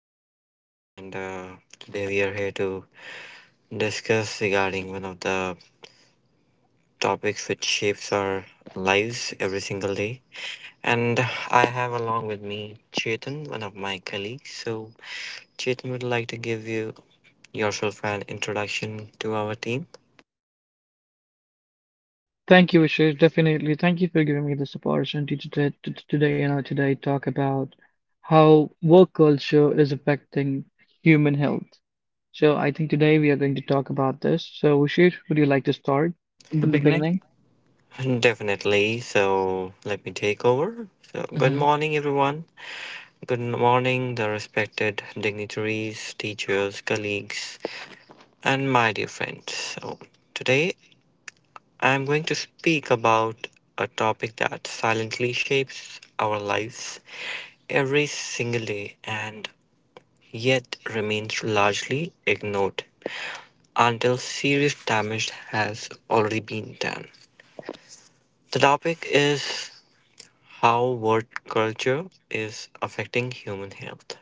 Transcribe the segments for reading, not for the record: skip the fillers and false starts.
Yash, and today we are here to discuss regarding one of the topics which shapes our lives every single day. And I have along with me Chetan, one of my colleagues. So Chetan would like to give you yourself an introduction to our team. Thank you, Ashish. Definitely. Thank you for giving me this opportunity to, t- to today, you know, today talk about how work culture is affecting human health. So I think today we are going to talk about this. So Ashish, would you like to start In the from the beginning. beginning? Definitely. So let me take over. So good morning, everyone. Good morning, the respected dignitaries, teachers, colleagues and my dear friends. So, today I'm going to speak about a topic that silently shapes our lives every single day and yet remains largely ignored until serious damage has already been done. The topic is how work culture is affecting human health.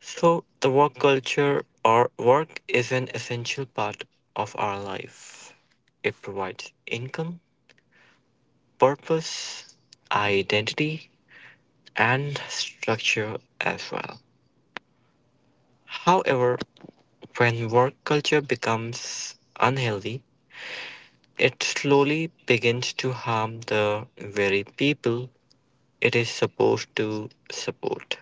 So, the work culture or work is an essential part of our life. It provides income, purpose, identity, and structure as well. However, when work culture becomes unhealthy, it slowly begins to harm the very people it is supposed to support.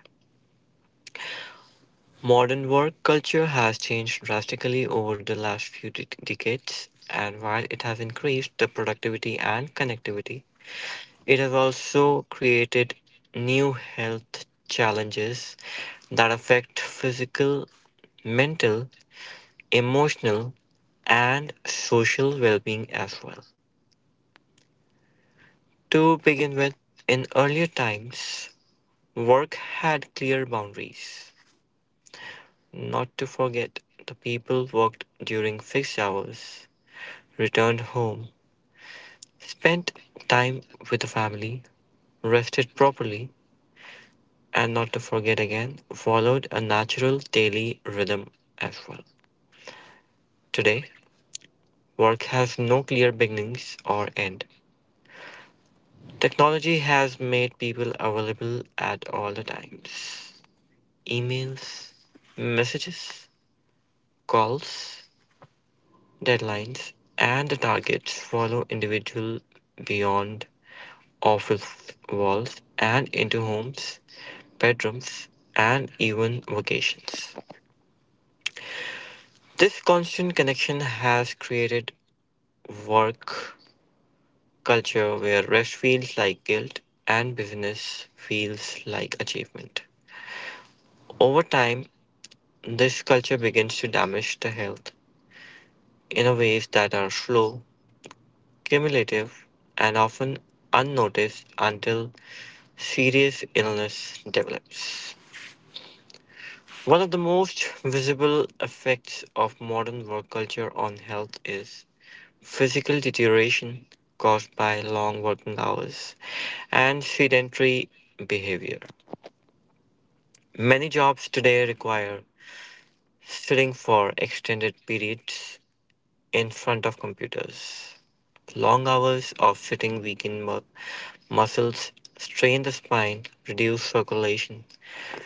Modern work culture has changed drastically over the last few decades, and while it has increased the productivity and connectivity, it has also created new health challenges that affect physical, mental, emotional, and social well being as well. To begin with, in earlier times, work had clear boundaries. Not to forget, the people worked during fixed hours, returned home, spent time with the family, rested properly, and not to forget again, followed a natural daily rhythm as well. Today, work has no clear beginnings or end. Technology has made people available at all the times. Emails, messages, calls, deadlines, and the targets follow individuals beyond office walls and into homes, bedrooms, and even vacations. This constant connection has created work culture where rest feels like guilt and business feels like achievement. Over time, this culture begins to damage the health in a ways that are slow, cumulative, and often unnoticed until serious illness develops. One of the most visible effects of modern work culture on health is physical deterioration caused by long working hours and sedentary behavior. Many jobs today require sitting for extended periods in front of computers. Long hours of sitting weaken muscles, strain the spine, reduce circulation,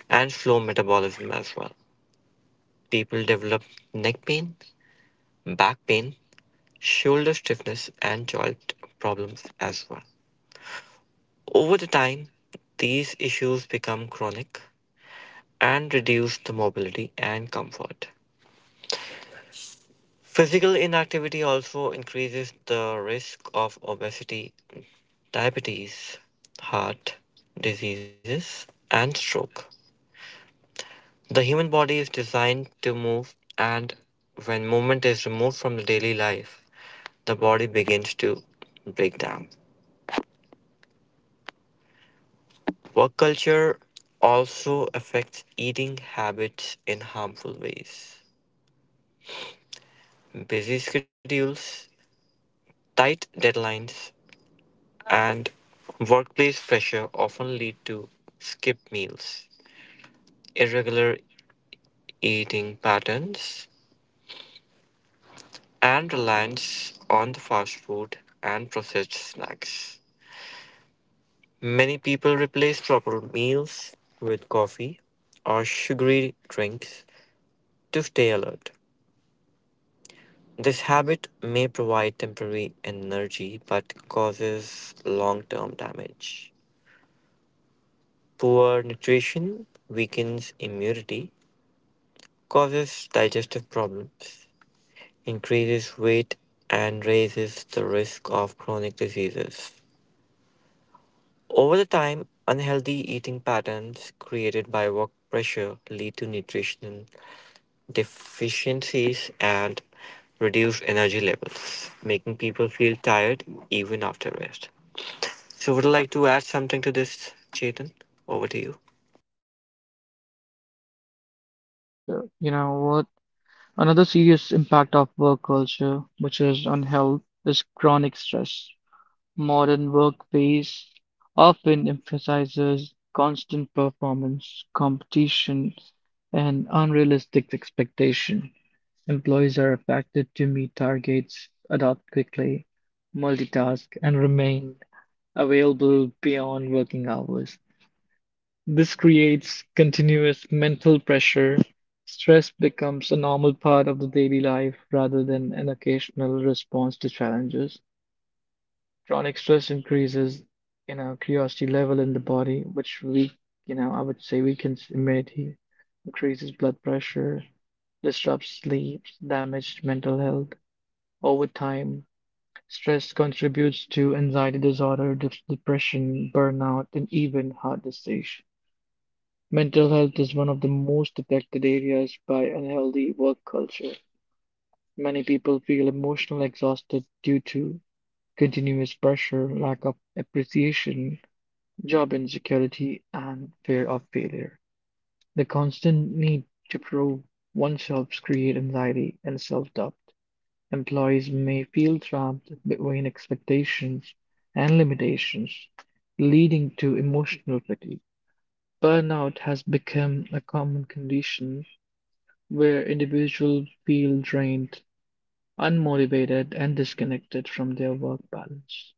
and slow metabolism as well. People develop neck pain, back pain, shoulder stiffness, and joint problems as well. Over the time, these issues become chronic and reduce the mobility and comfort. Physical inactivity also increases the risk of obesity, diabetes, heart diseases, and stroke. The human body is designed to move, and when movement is removed from the daily life, the body begins to break down. Work culture also affects eating habits in harmful ways. Busy schedules, tight deadlines, and workplace pressure often lead to skipped meals, irregular eating patterns, and reliance on the fast food and processed snacks. Many people replace proper meals with coffee or sugary drinks to stay alert. This habit may provide temporary energy but causes long term damage. Poor nutrition weakens immunity, causes digestive problems, increases weight, and raises the risk of chronic diseases. Over the time, unhealthy eating patterns created by work pressure lead to nutritional deficiencies and reduced energy levels, making people feel tired even after rest. So, would you like to add something to this, Chetan? Over to you. So, you know what? Another serious impact of work culture, which is on health, is chronic stress. Modern workplace often emphasizes constant performance, competition, and unrealistic expectation. Employees are expected to meet targets, adapt quickly, multitask, and remain available beyond working hours. This creates continuous mental pressure. Stress becomes a normal part of the daily life rather than an occasional response to challenges chronic stress increases, curiosity level in the body, which I would say weakens immunity, increases blood pressure, disrupts sleep, damaged mental health. Over time, stress contributes to anxiety disorder, depression, burnout, and even heart disease. Mental health is one of the most affected areas by unhealthy work culture. Many people feel emotionally exhausted due to continuous pressure, lack of appreciation, job insecurity, and fear of failure. The constant need to prove oneself create anxiety and self-doubt. Employees may feel trapped between expectations and limitations, leading to emotional fatigue. Burnout has become a common condition where individuals feel drained, unmotivated, and disconnected from their work balance.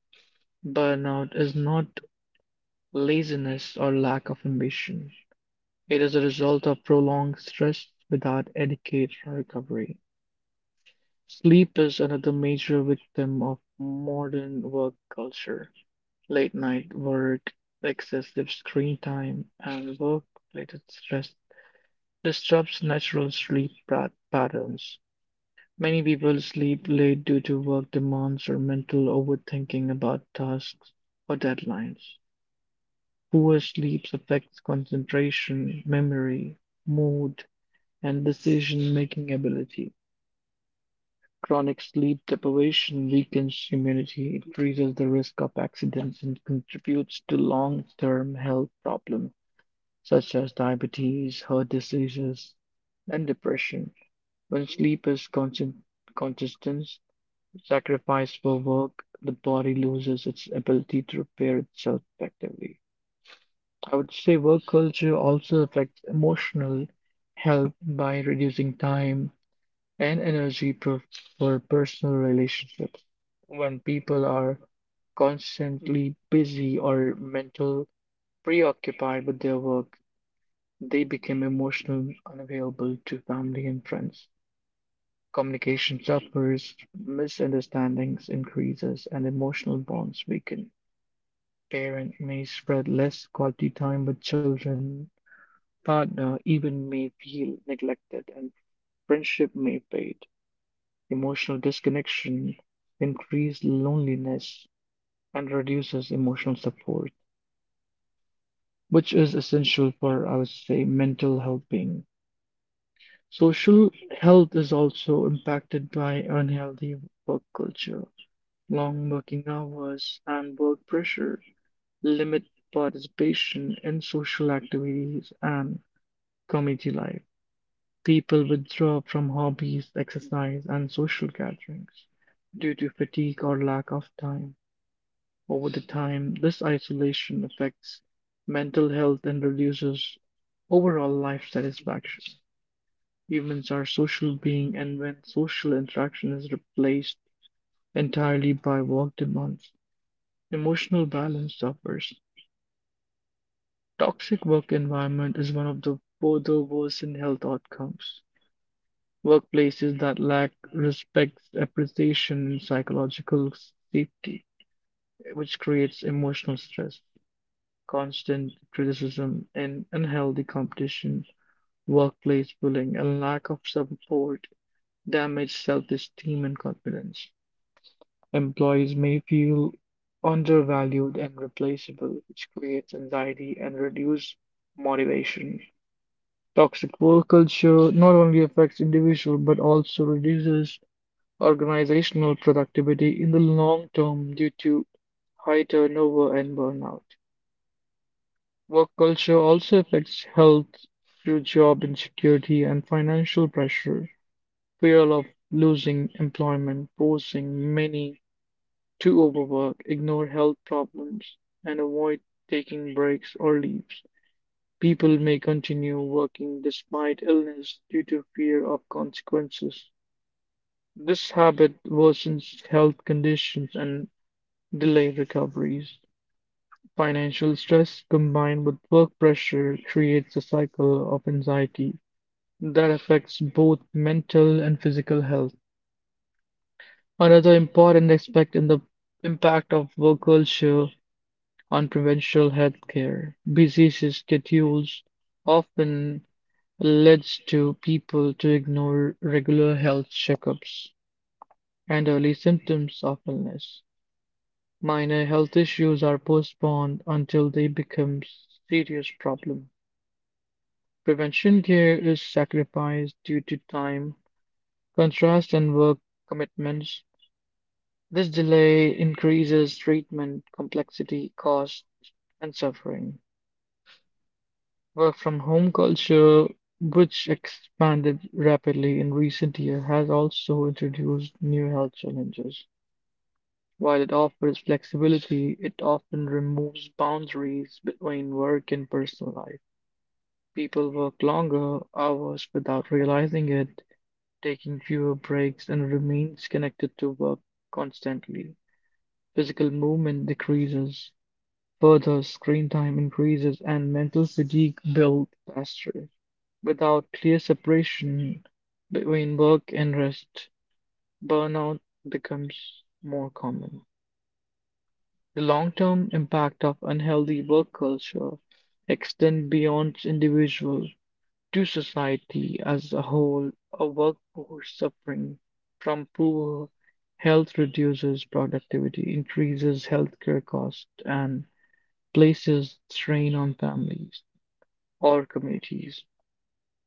Burnout is not laziness or lack of ambition. It is a result of prolonged stress without adequate recovery. Sleep is another major victim of modern work culture. Late night work, excessive screen time, and work-related stress disrupts natural sleep patterns. Many people sleep late due to work demands or mental overthinking about tasks or deadlines. Poor sleep affects concentration, memory, mood, and decision-making ability. Chronic sleep deprivation weakens immunity, increases the risk of accidents, and contributes to long-term health problems such as diabetes, heart diseases, and depression. When sleep is constant, consistent, sacrificed for work, the body loses its ability to repair itself effectively. I would say work culture also affects emotional health by reducing time and energy for personal relationships. When people are constantly busy or mental preoccupied with their work, they become emotionally unavailable to family and friends. Communication suffers, misunderstandings increases, and emotional bonds weaken. Parents may spread less quality time with children, partner even may feel neglected, and friendship may fade. Emotional disconnection increases loneliness and reduces emotional support, which is essential for, I would say, mental well being. Social health is also impacted by unhealthy work culture. Long working hours and work pressure limit participation in social activities and community life. People withdraw from hobbies, exercise, and social gatherings due to fatigue or lack of time. Over the time, this isolation affects mental health and reduces overall life satisfaction. Humans are social beings, and when social interaction is replaced entirely by work demands, emotional balance suffers. Toxic work environment is one of the further worsened health outcomes. Workplaces that lack respect, appreciation, and psychological safety, which creates emotional stress, constant criticism, and unhealthy competition, workplace bullying, and lack of support damage self-esteem and confidence. Employees may feel undervalued and replaceable, which creates anxiety and reduces motivation. Toxic work culture not only affects individuals but also reduces organizational productivity in the long term due to high turnover and burnout. Work culture also affects health through job insecurity and financial pressure. Fear of losing employment forcing many to overwork, ignore health problems, and avoid taking breaks or leaves. People may continue working despite illness due to fear of consequences. This habit worsens health conditions and delayed recoveries, financial stress combined with work pressure creates a cycle of anxiety that affects both mental and physical health. Another important aspect in the impact of work culture on provincial health care. Busy schedules often leads to people to ignore regular health checkups and early symptoms of illness. Minor health issues are postponed until they become serious problems. Prevention care is sacrificed due to time, contrast, and work commitments. This delay increases treatment complexity, costs, and suffering. Work from home culture, which expanded rapidly in recent years, has also introduced new health challenges. While it offers flexibility, it often removes boundaries between work and personal life. People work longer hours without realizing it, taking fewer breaks, and remains connected to work constantly. Physical movement decreases, further screen time increases, and mental fatigue builds faster. Without clear separation between work and rest, burnout becomes more common. The long-term impact of unhealthy work culture extend beyond individuals to society as a whole. A workforce suffering from poor health reduces productivity, increases healthcare costs, and places strain on families or communities.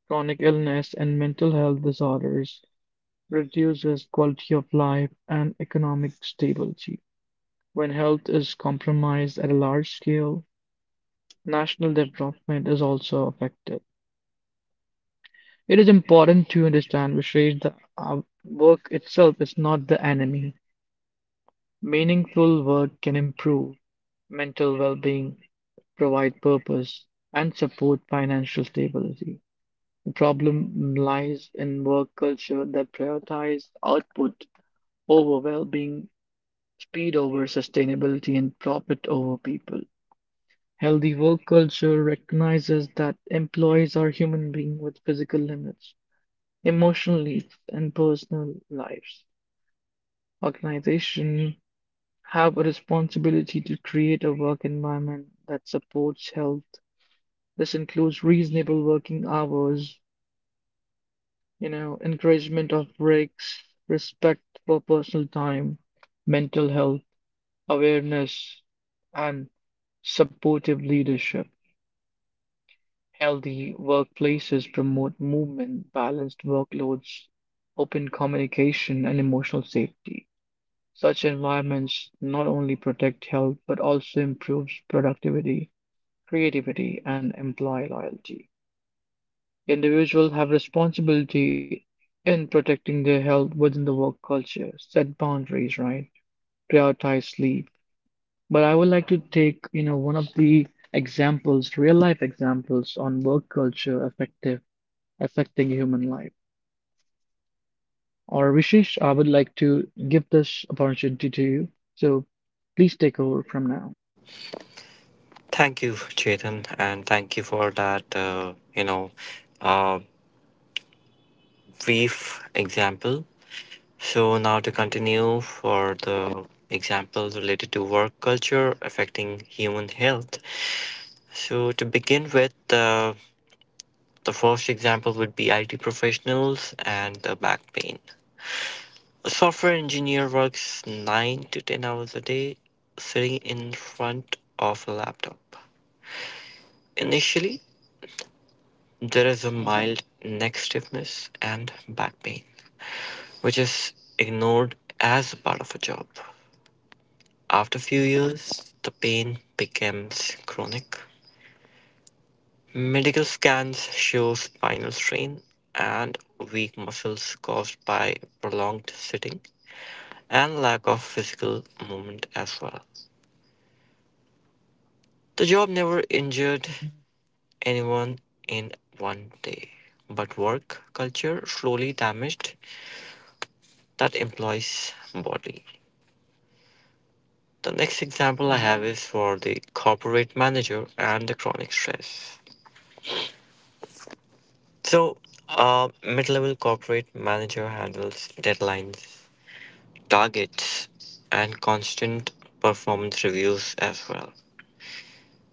Chronic illness and mental health disorders reduces quality of life and economic stability. When health is compromised at a large scale, national development is also affected. It is important to understand which rates the work itself is not the enemy. Meaningful work can improve mental well-being, provide purpose, and support financial stability. The problem lies in work culture that prioritizes output over well-being, speed over sustainability, and profit over people. Healthy work culture recognizes that employees are human beings with physical limits, emotional needs, and personal lives. Organizations have a responsibility to create a work environment that supports health. This includes reasonable working hours, encouragement of breaks, respect for personal time, mental health awareness, and supportive leadership. Healthy workplaces promote movement, balanced workloads, open communication, and emotional safety. Such environments not only protect health but also improves productivity, creativity, and employee loyalty. Individuals have responsibility in protecting their health within the work culture, set boundaries, right? Prioritize sleep. But I would like to take, one of the examples, real life examples on work culture affective affecting human life. Or Vishesh, I would like to give this opportunity to you. So please take over from now. Thank you, Chetan, and thank you for that, uh, brief example. So now to continue for the example related to work culture affecting human health. So to begin with, the first example would be IT professionals and the back pain. A software engineer works 9 to 10 hours a day sitting in front of a laptop. Initially, there is a mild neck stiffness and back pain, which is ignored as a part of a job. After a few years, the pain becomes chronic. Medical scans show spinal strain and weak muscles caused by prolonged sitting and lack of physical movement as well. The job never injured anyone in one day, but work culture slowly damaged that employee's body. The next example I have is for the corporate manager and the chronic stress. So, a mid level corporate manager handles deadlines, targets, and constant performance reviews as well.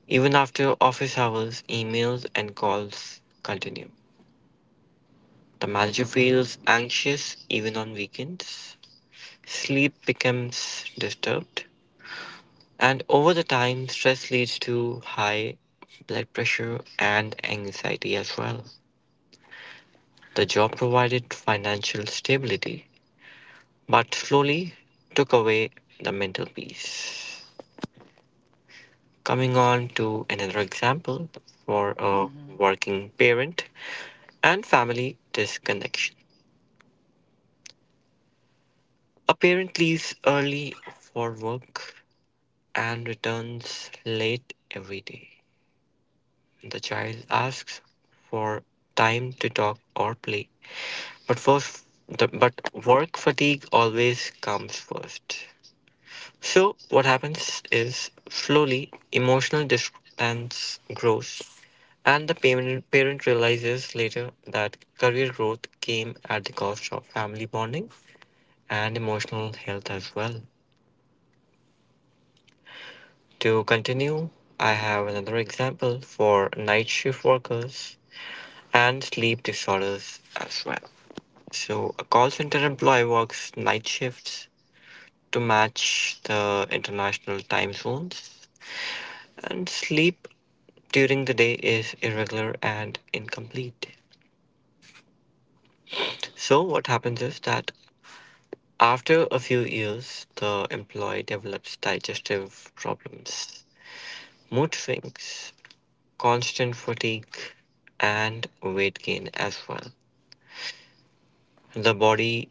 Even after office hours, emails and calls continue. The manager feels anxious even on weekends. Sleep becomes disturbed, and over the time, stress leads to high blood pressure and anxiety as well. The job provided financial stability, but slowly took away the mental peace. Coming on to another example for a working parent and family disconnection. A parent leaves early for work and returns late every day. The child asks for time to talk or play, but but work fatigue always comes first. So what happens is slowly emotional distance grows, and the parent realizes later that career growth came at the cost of family bonding and emotional health as well. To continue, I have another example for night shift workers and sleep disorders as well. So, a call center employee works night shifts to match the international time zones, and sleep during the day is irregular and incomplete. So, what happens is that after a few years, the employee develops digestive problems, mood swings, constant fatigue, and weight gain as well. The body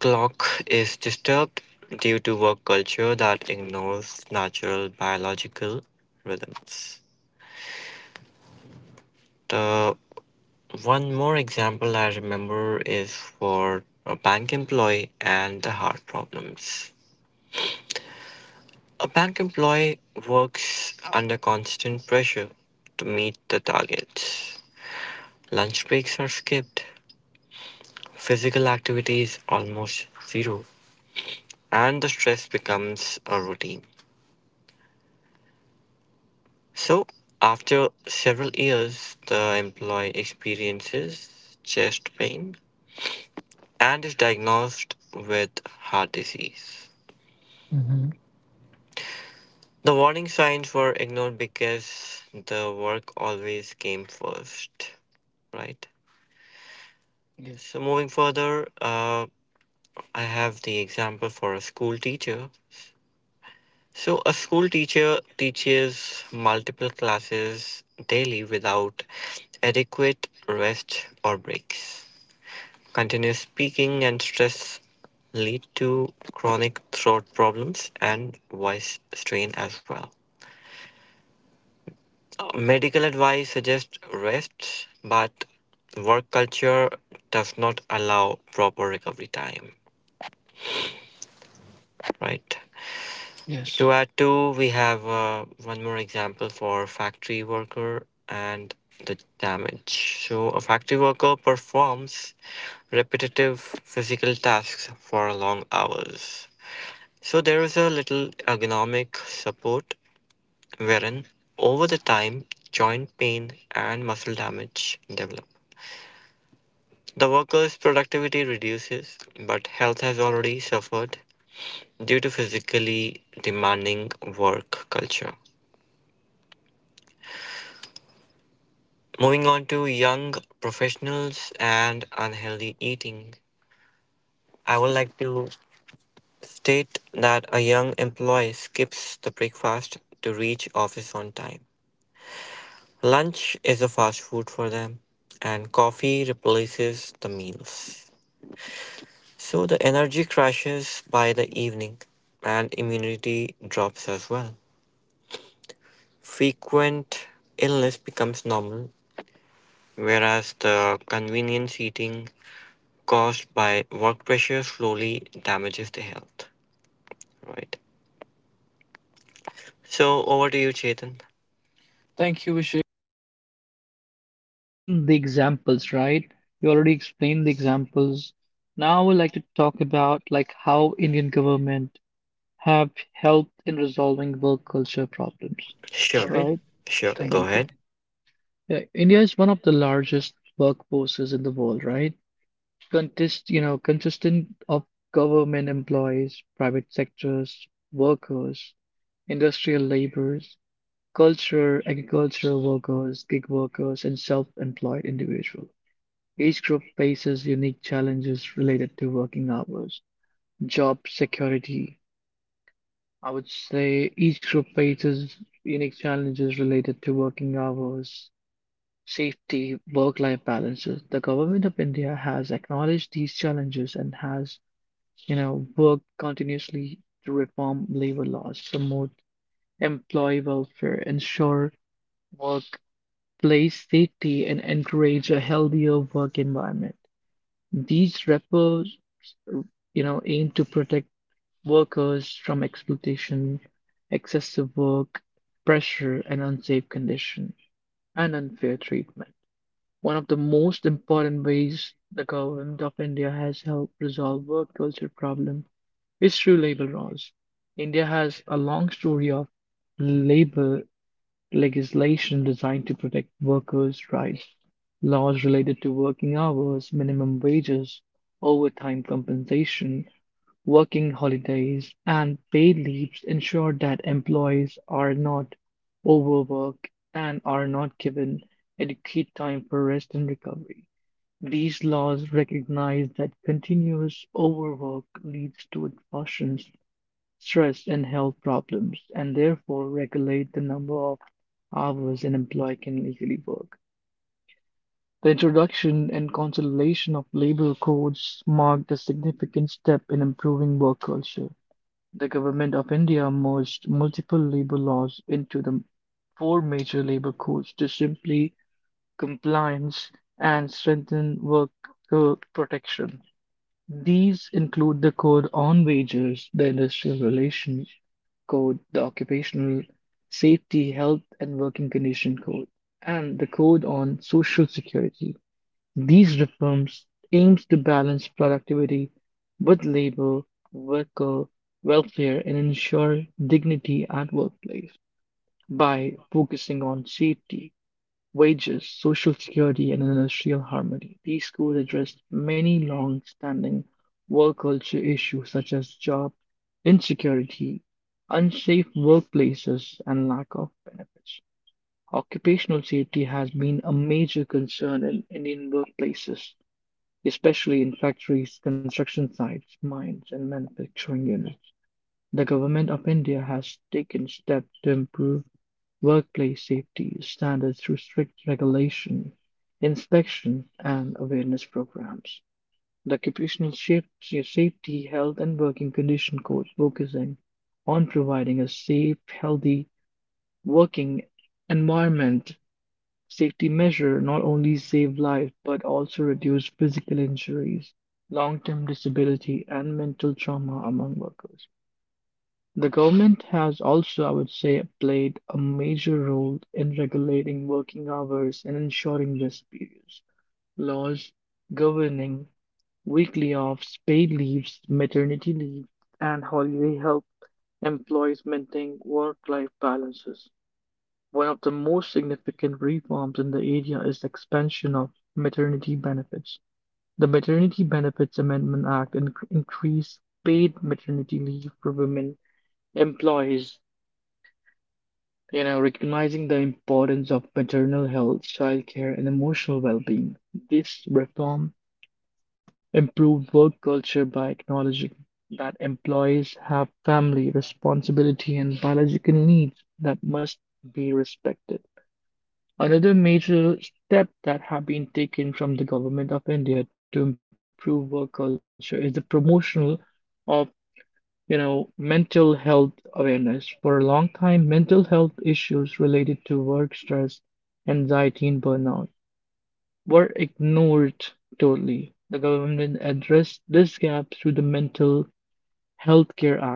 clock is disturbed due to work culture that ignores natural biological rhythms. The one more example I remember is for a bank employee and the heart problems. A bank employee works under constant pressure to meet the targets. Lunch breaks are skipped, physical activity is almost zero, and the stress becomes a routine. So, after several years, the employee experiences chest pain and is diagnosed with heart disease. The warning signs were ignored because the work always came first, right? Yes. So, moving further, I have the example for a school teacher. So, a school teacher teaches multiple classes daily without adequate rest or breaks. Continuous speaking and stress lead to chronic throat problems and voice strain as well. Medical advice suggests rest, but work culture does not allow proper recovery time, right? Yes. To add to, we have one more example for factory worker and the damage. So, a factory worker performs repetitive physical tasks for long hours. So, there is a little ergonomic support wherein over the time, joint pain and muscle damage develop. The worker's productivity reduces, but health has already suffered due to physically demanding work culture. Moving on to young professionals and unhealthy eating, I would like to state that a young employee skips the breakfast to reach office on time. Lunch is a fast food for them, and coffee replaces the meals. So the energy crashes by the evening, and immunity drops as well. Frequent illness becomes normal, whereas the convenient eating caused by work pressure slowly damages the health. Right. So over to you, Chetan. Thank you, Vishesh. Explain the examples, right? You already explained the examples. Now I would like to talk about like how Indian government have helped in resolving work culture problems, Sure, sure, right? right? Sure. Sure. Thank Go you. Thank you. Ahead. Yeah, India is one of the largest workforces in the world, right? Consistent of government employees, private sectors, workers, industrial laborers, culture, agricultural workers, gig workers, and self-employed individual. Each group faces unique challenges related to working hours, job security. I would say each group faces unique challenges related to working hours, safety, work-life balances. The government of India has acknowledged these challenges and has worked continuously to reform labor laws, promote employee welfare, ensure workplace safety, and encourage a healthier work environment. These reforms, aim to protect workers from exploitation, excessive work, pressure, and unsafe conditions, and unfair treatment. One of the most important ways the government of India has helped resolve work culture problems it's true labor laws. India has a long story of labor legislation designed to protect workers' rights. Laws related to working hours, minimum wages, overtime compensation, working holidays, and paid leaves ensure that employees are not overworked and are not given adequate time for rest and recovery. These laws recognize that continuous overwork leads to exhaustion stress, and health problems, and therefore regulate the number of hours an employee can legally work. The introduction and consolidation of labor codes marked a significant step in improving work culture. The Government of India merged multiple labor laws into the four major labor codes to simplify compliance and strengthen worker protection. These include the Code on Wages, the Industrial Relations Code, the Occupational Safety, Health and Working Condition Code, and the Code on Social Security. These reforms aims to balance productivity with labor, worker welfare, and ensure dignity at workplace by focusing on safety, wages, social security, and industrial harmony. These schools addressed many long-standing work culture issues such as job insecurity, unsafe workplaces, and lack of benefits. Occupational safety has been a major concern in Indian workplaces, especially in factories, construction sites, mines, and manufacturing units. The Government of India has taken steps to improve workplace safety standards through strict regulation, inspection and awareness programs. The Occupational Safety, Health and Working Condition Code focusing on providing a safe, healthy working environment. Safety measure not only save lives but also reduce physical injuries, long-term disability and mental trauma among workers. The government has also I would say played a major role in regulating working hours and ensuring rest periods. Laws governing weekly offs, paid leaves, maternity leave, and holiday help employees maintain work-life balances. One of the most significant reforms in the area is the expansion of maternity benefits. The Maternity Benefits Amendment Act increased paid maternity leave for women employees, you know, recognizing the importance of maternal health, childcare, and emotional well-being. This reform improved work culture by acknowledging that employees have family responsibility and biological needs that must be respected. Another major step that have been taken from the government of India to improve work culture is the promotion of mental health awareness. For a long time, mental health issues related to work stress, anxiety, and burnout were ignored totally. The government addressed this gap through the Mental Health Care Act,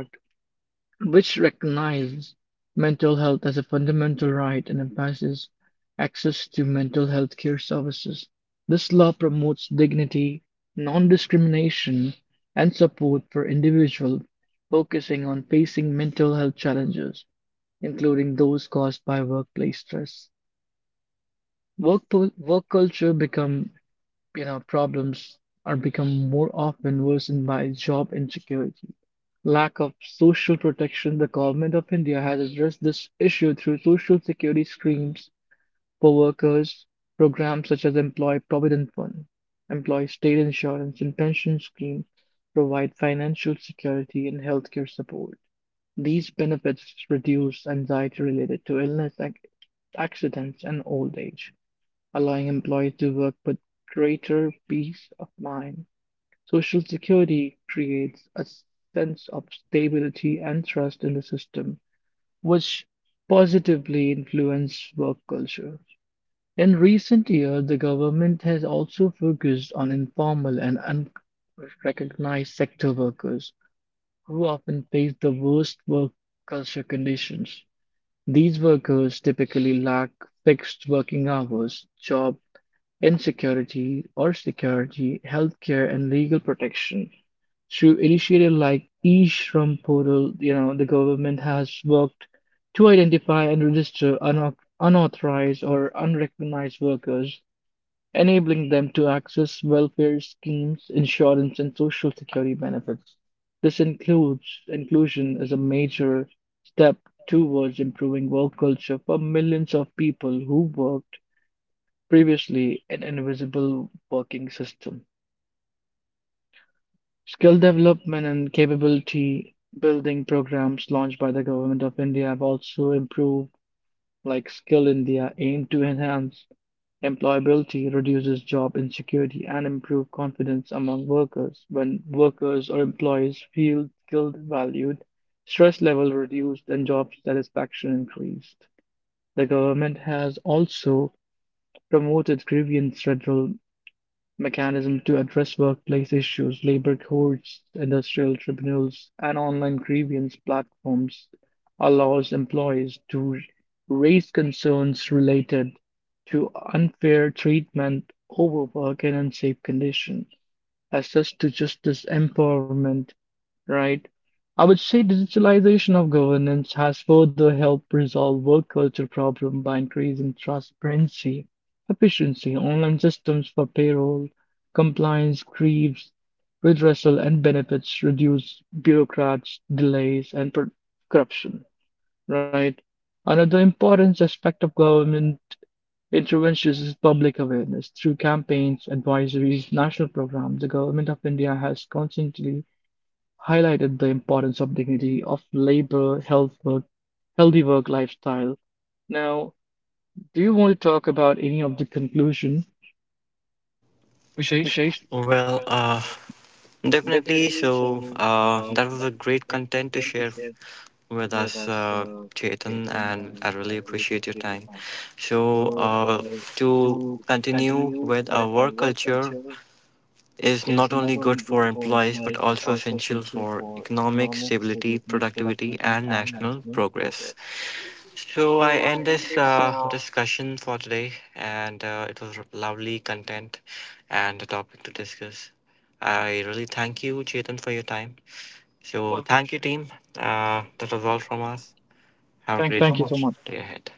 which recognizes mental health as a fundamental right and emphasizes access to mental health care services. This law promotes dignity, non discrimination, and support for individuals, focusing on facing mental health challenges, including those caused by workplace stress. Work culture become problems are become more often worsened by job insecurity. Lack of social protection. The government of India has addressed this issue through social security schemes for workers, programs such as Employee Provident Fund, Employee State Insurance, and pension schemes provide financial security and healthcare support. These benefits reduce anxiety related to illness, accidents, and old age allowing employees to work with greater peace of mind. Social security creates a sense of stability and trust in the system, which positively influence work culture. In recent years, the government has also focused on informal and unrecognized sector workers who often face the worst work culture conditions. These workers typically lack fixed working hours, job insecurity or security, healthcare, and legal protection. Through initiatives like e-Shram portal, the government has worked to identify and register unauthorized or unrecognized workers, enabling them to access welfare schemes, insurance, and social security benefits. This includes inclusion as a major step towards improving work culture for millions of people who work previously an invisible working system, skill development and capability building programs launched by the Government of India have also improved, like Skill India, aim to enhance employability, reduces job insecurity, and improve confidence among workers. When workers or employees feel skilled, valued, stress level reduced, and job satisfaction increased. The government has also promoted grievance redressal mechanisms to address workplace issues, labor courts, industrial tribunals, and online grievance platforms allow employees to raise concerns related to unfair treatment, overwork, and unsafe conditions access to justice, empowerment, right? I would say digitalization of governance has further helped resolve work culture problem by increasing transparency, efficiency, online systems for payroll, compliance, grieves, redressal, and benefits reduce bureaucrats, delays, and corruption, right? Another important aspect of government it reinforces public awareness through campaigns, advisories, national programs. The Government of India has constantly highlighted the importance of dignity, of labor, health work, healthy work lifestyle. Now, do you want to talk about any of the conclusion, Vishesh? Vishesh? Well, definitely. So that was a great content to share with us, Chetan, and I really appreciate your time. So, to continue with our work culture, is not only good for employees but also essential for economic stability, productivity, and national progress. So I end this discussion for today, and it was lovely content and a topic to discuss. I really thank you, Chetan, for your time. So thank you, team. That was all from us. Have a Thank you great Thank so you so much. much. Day ahead.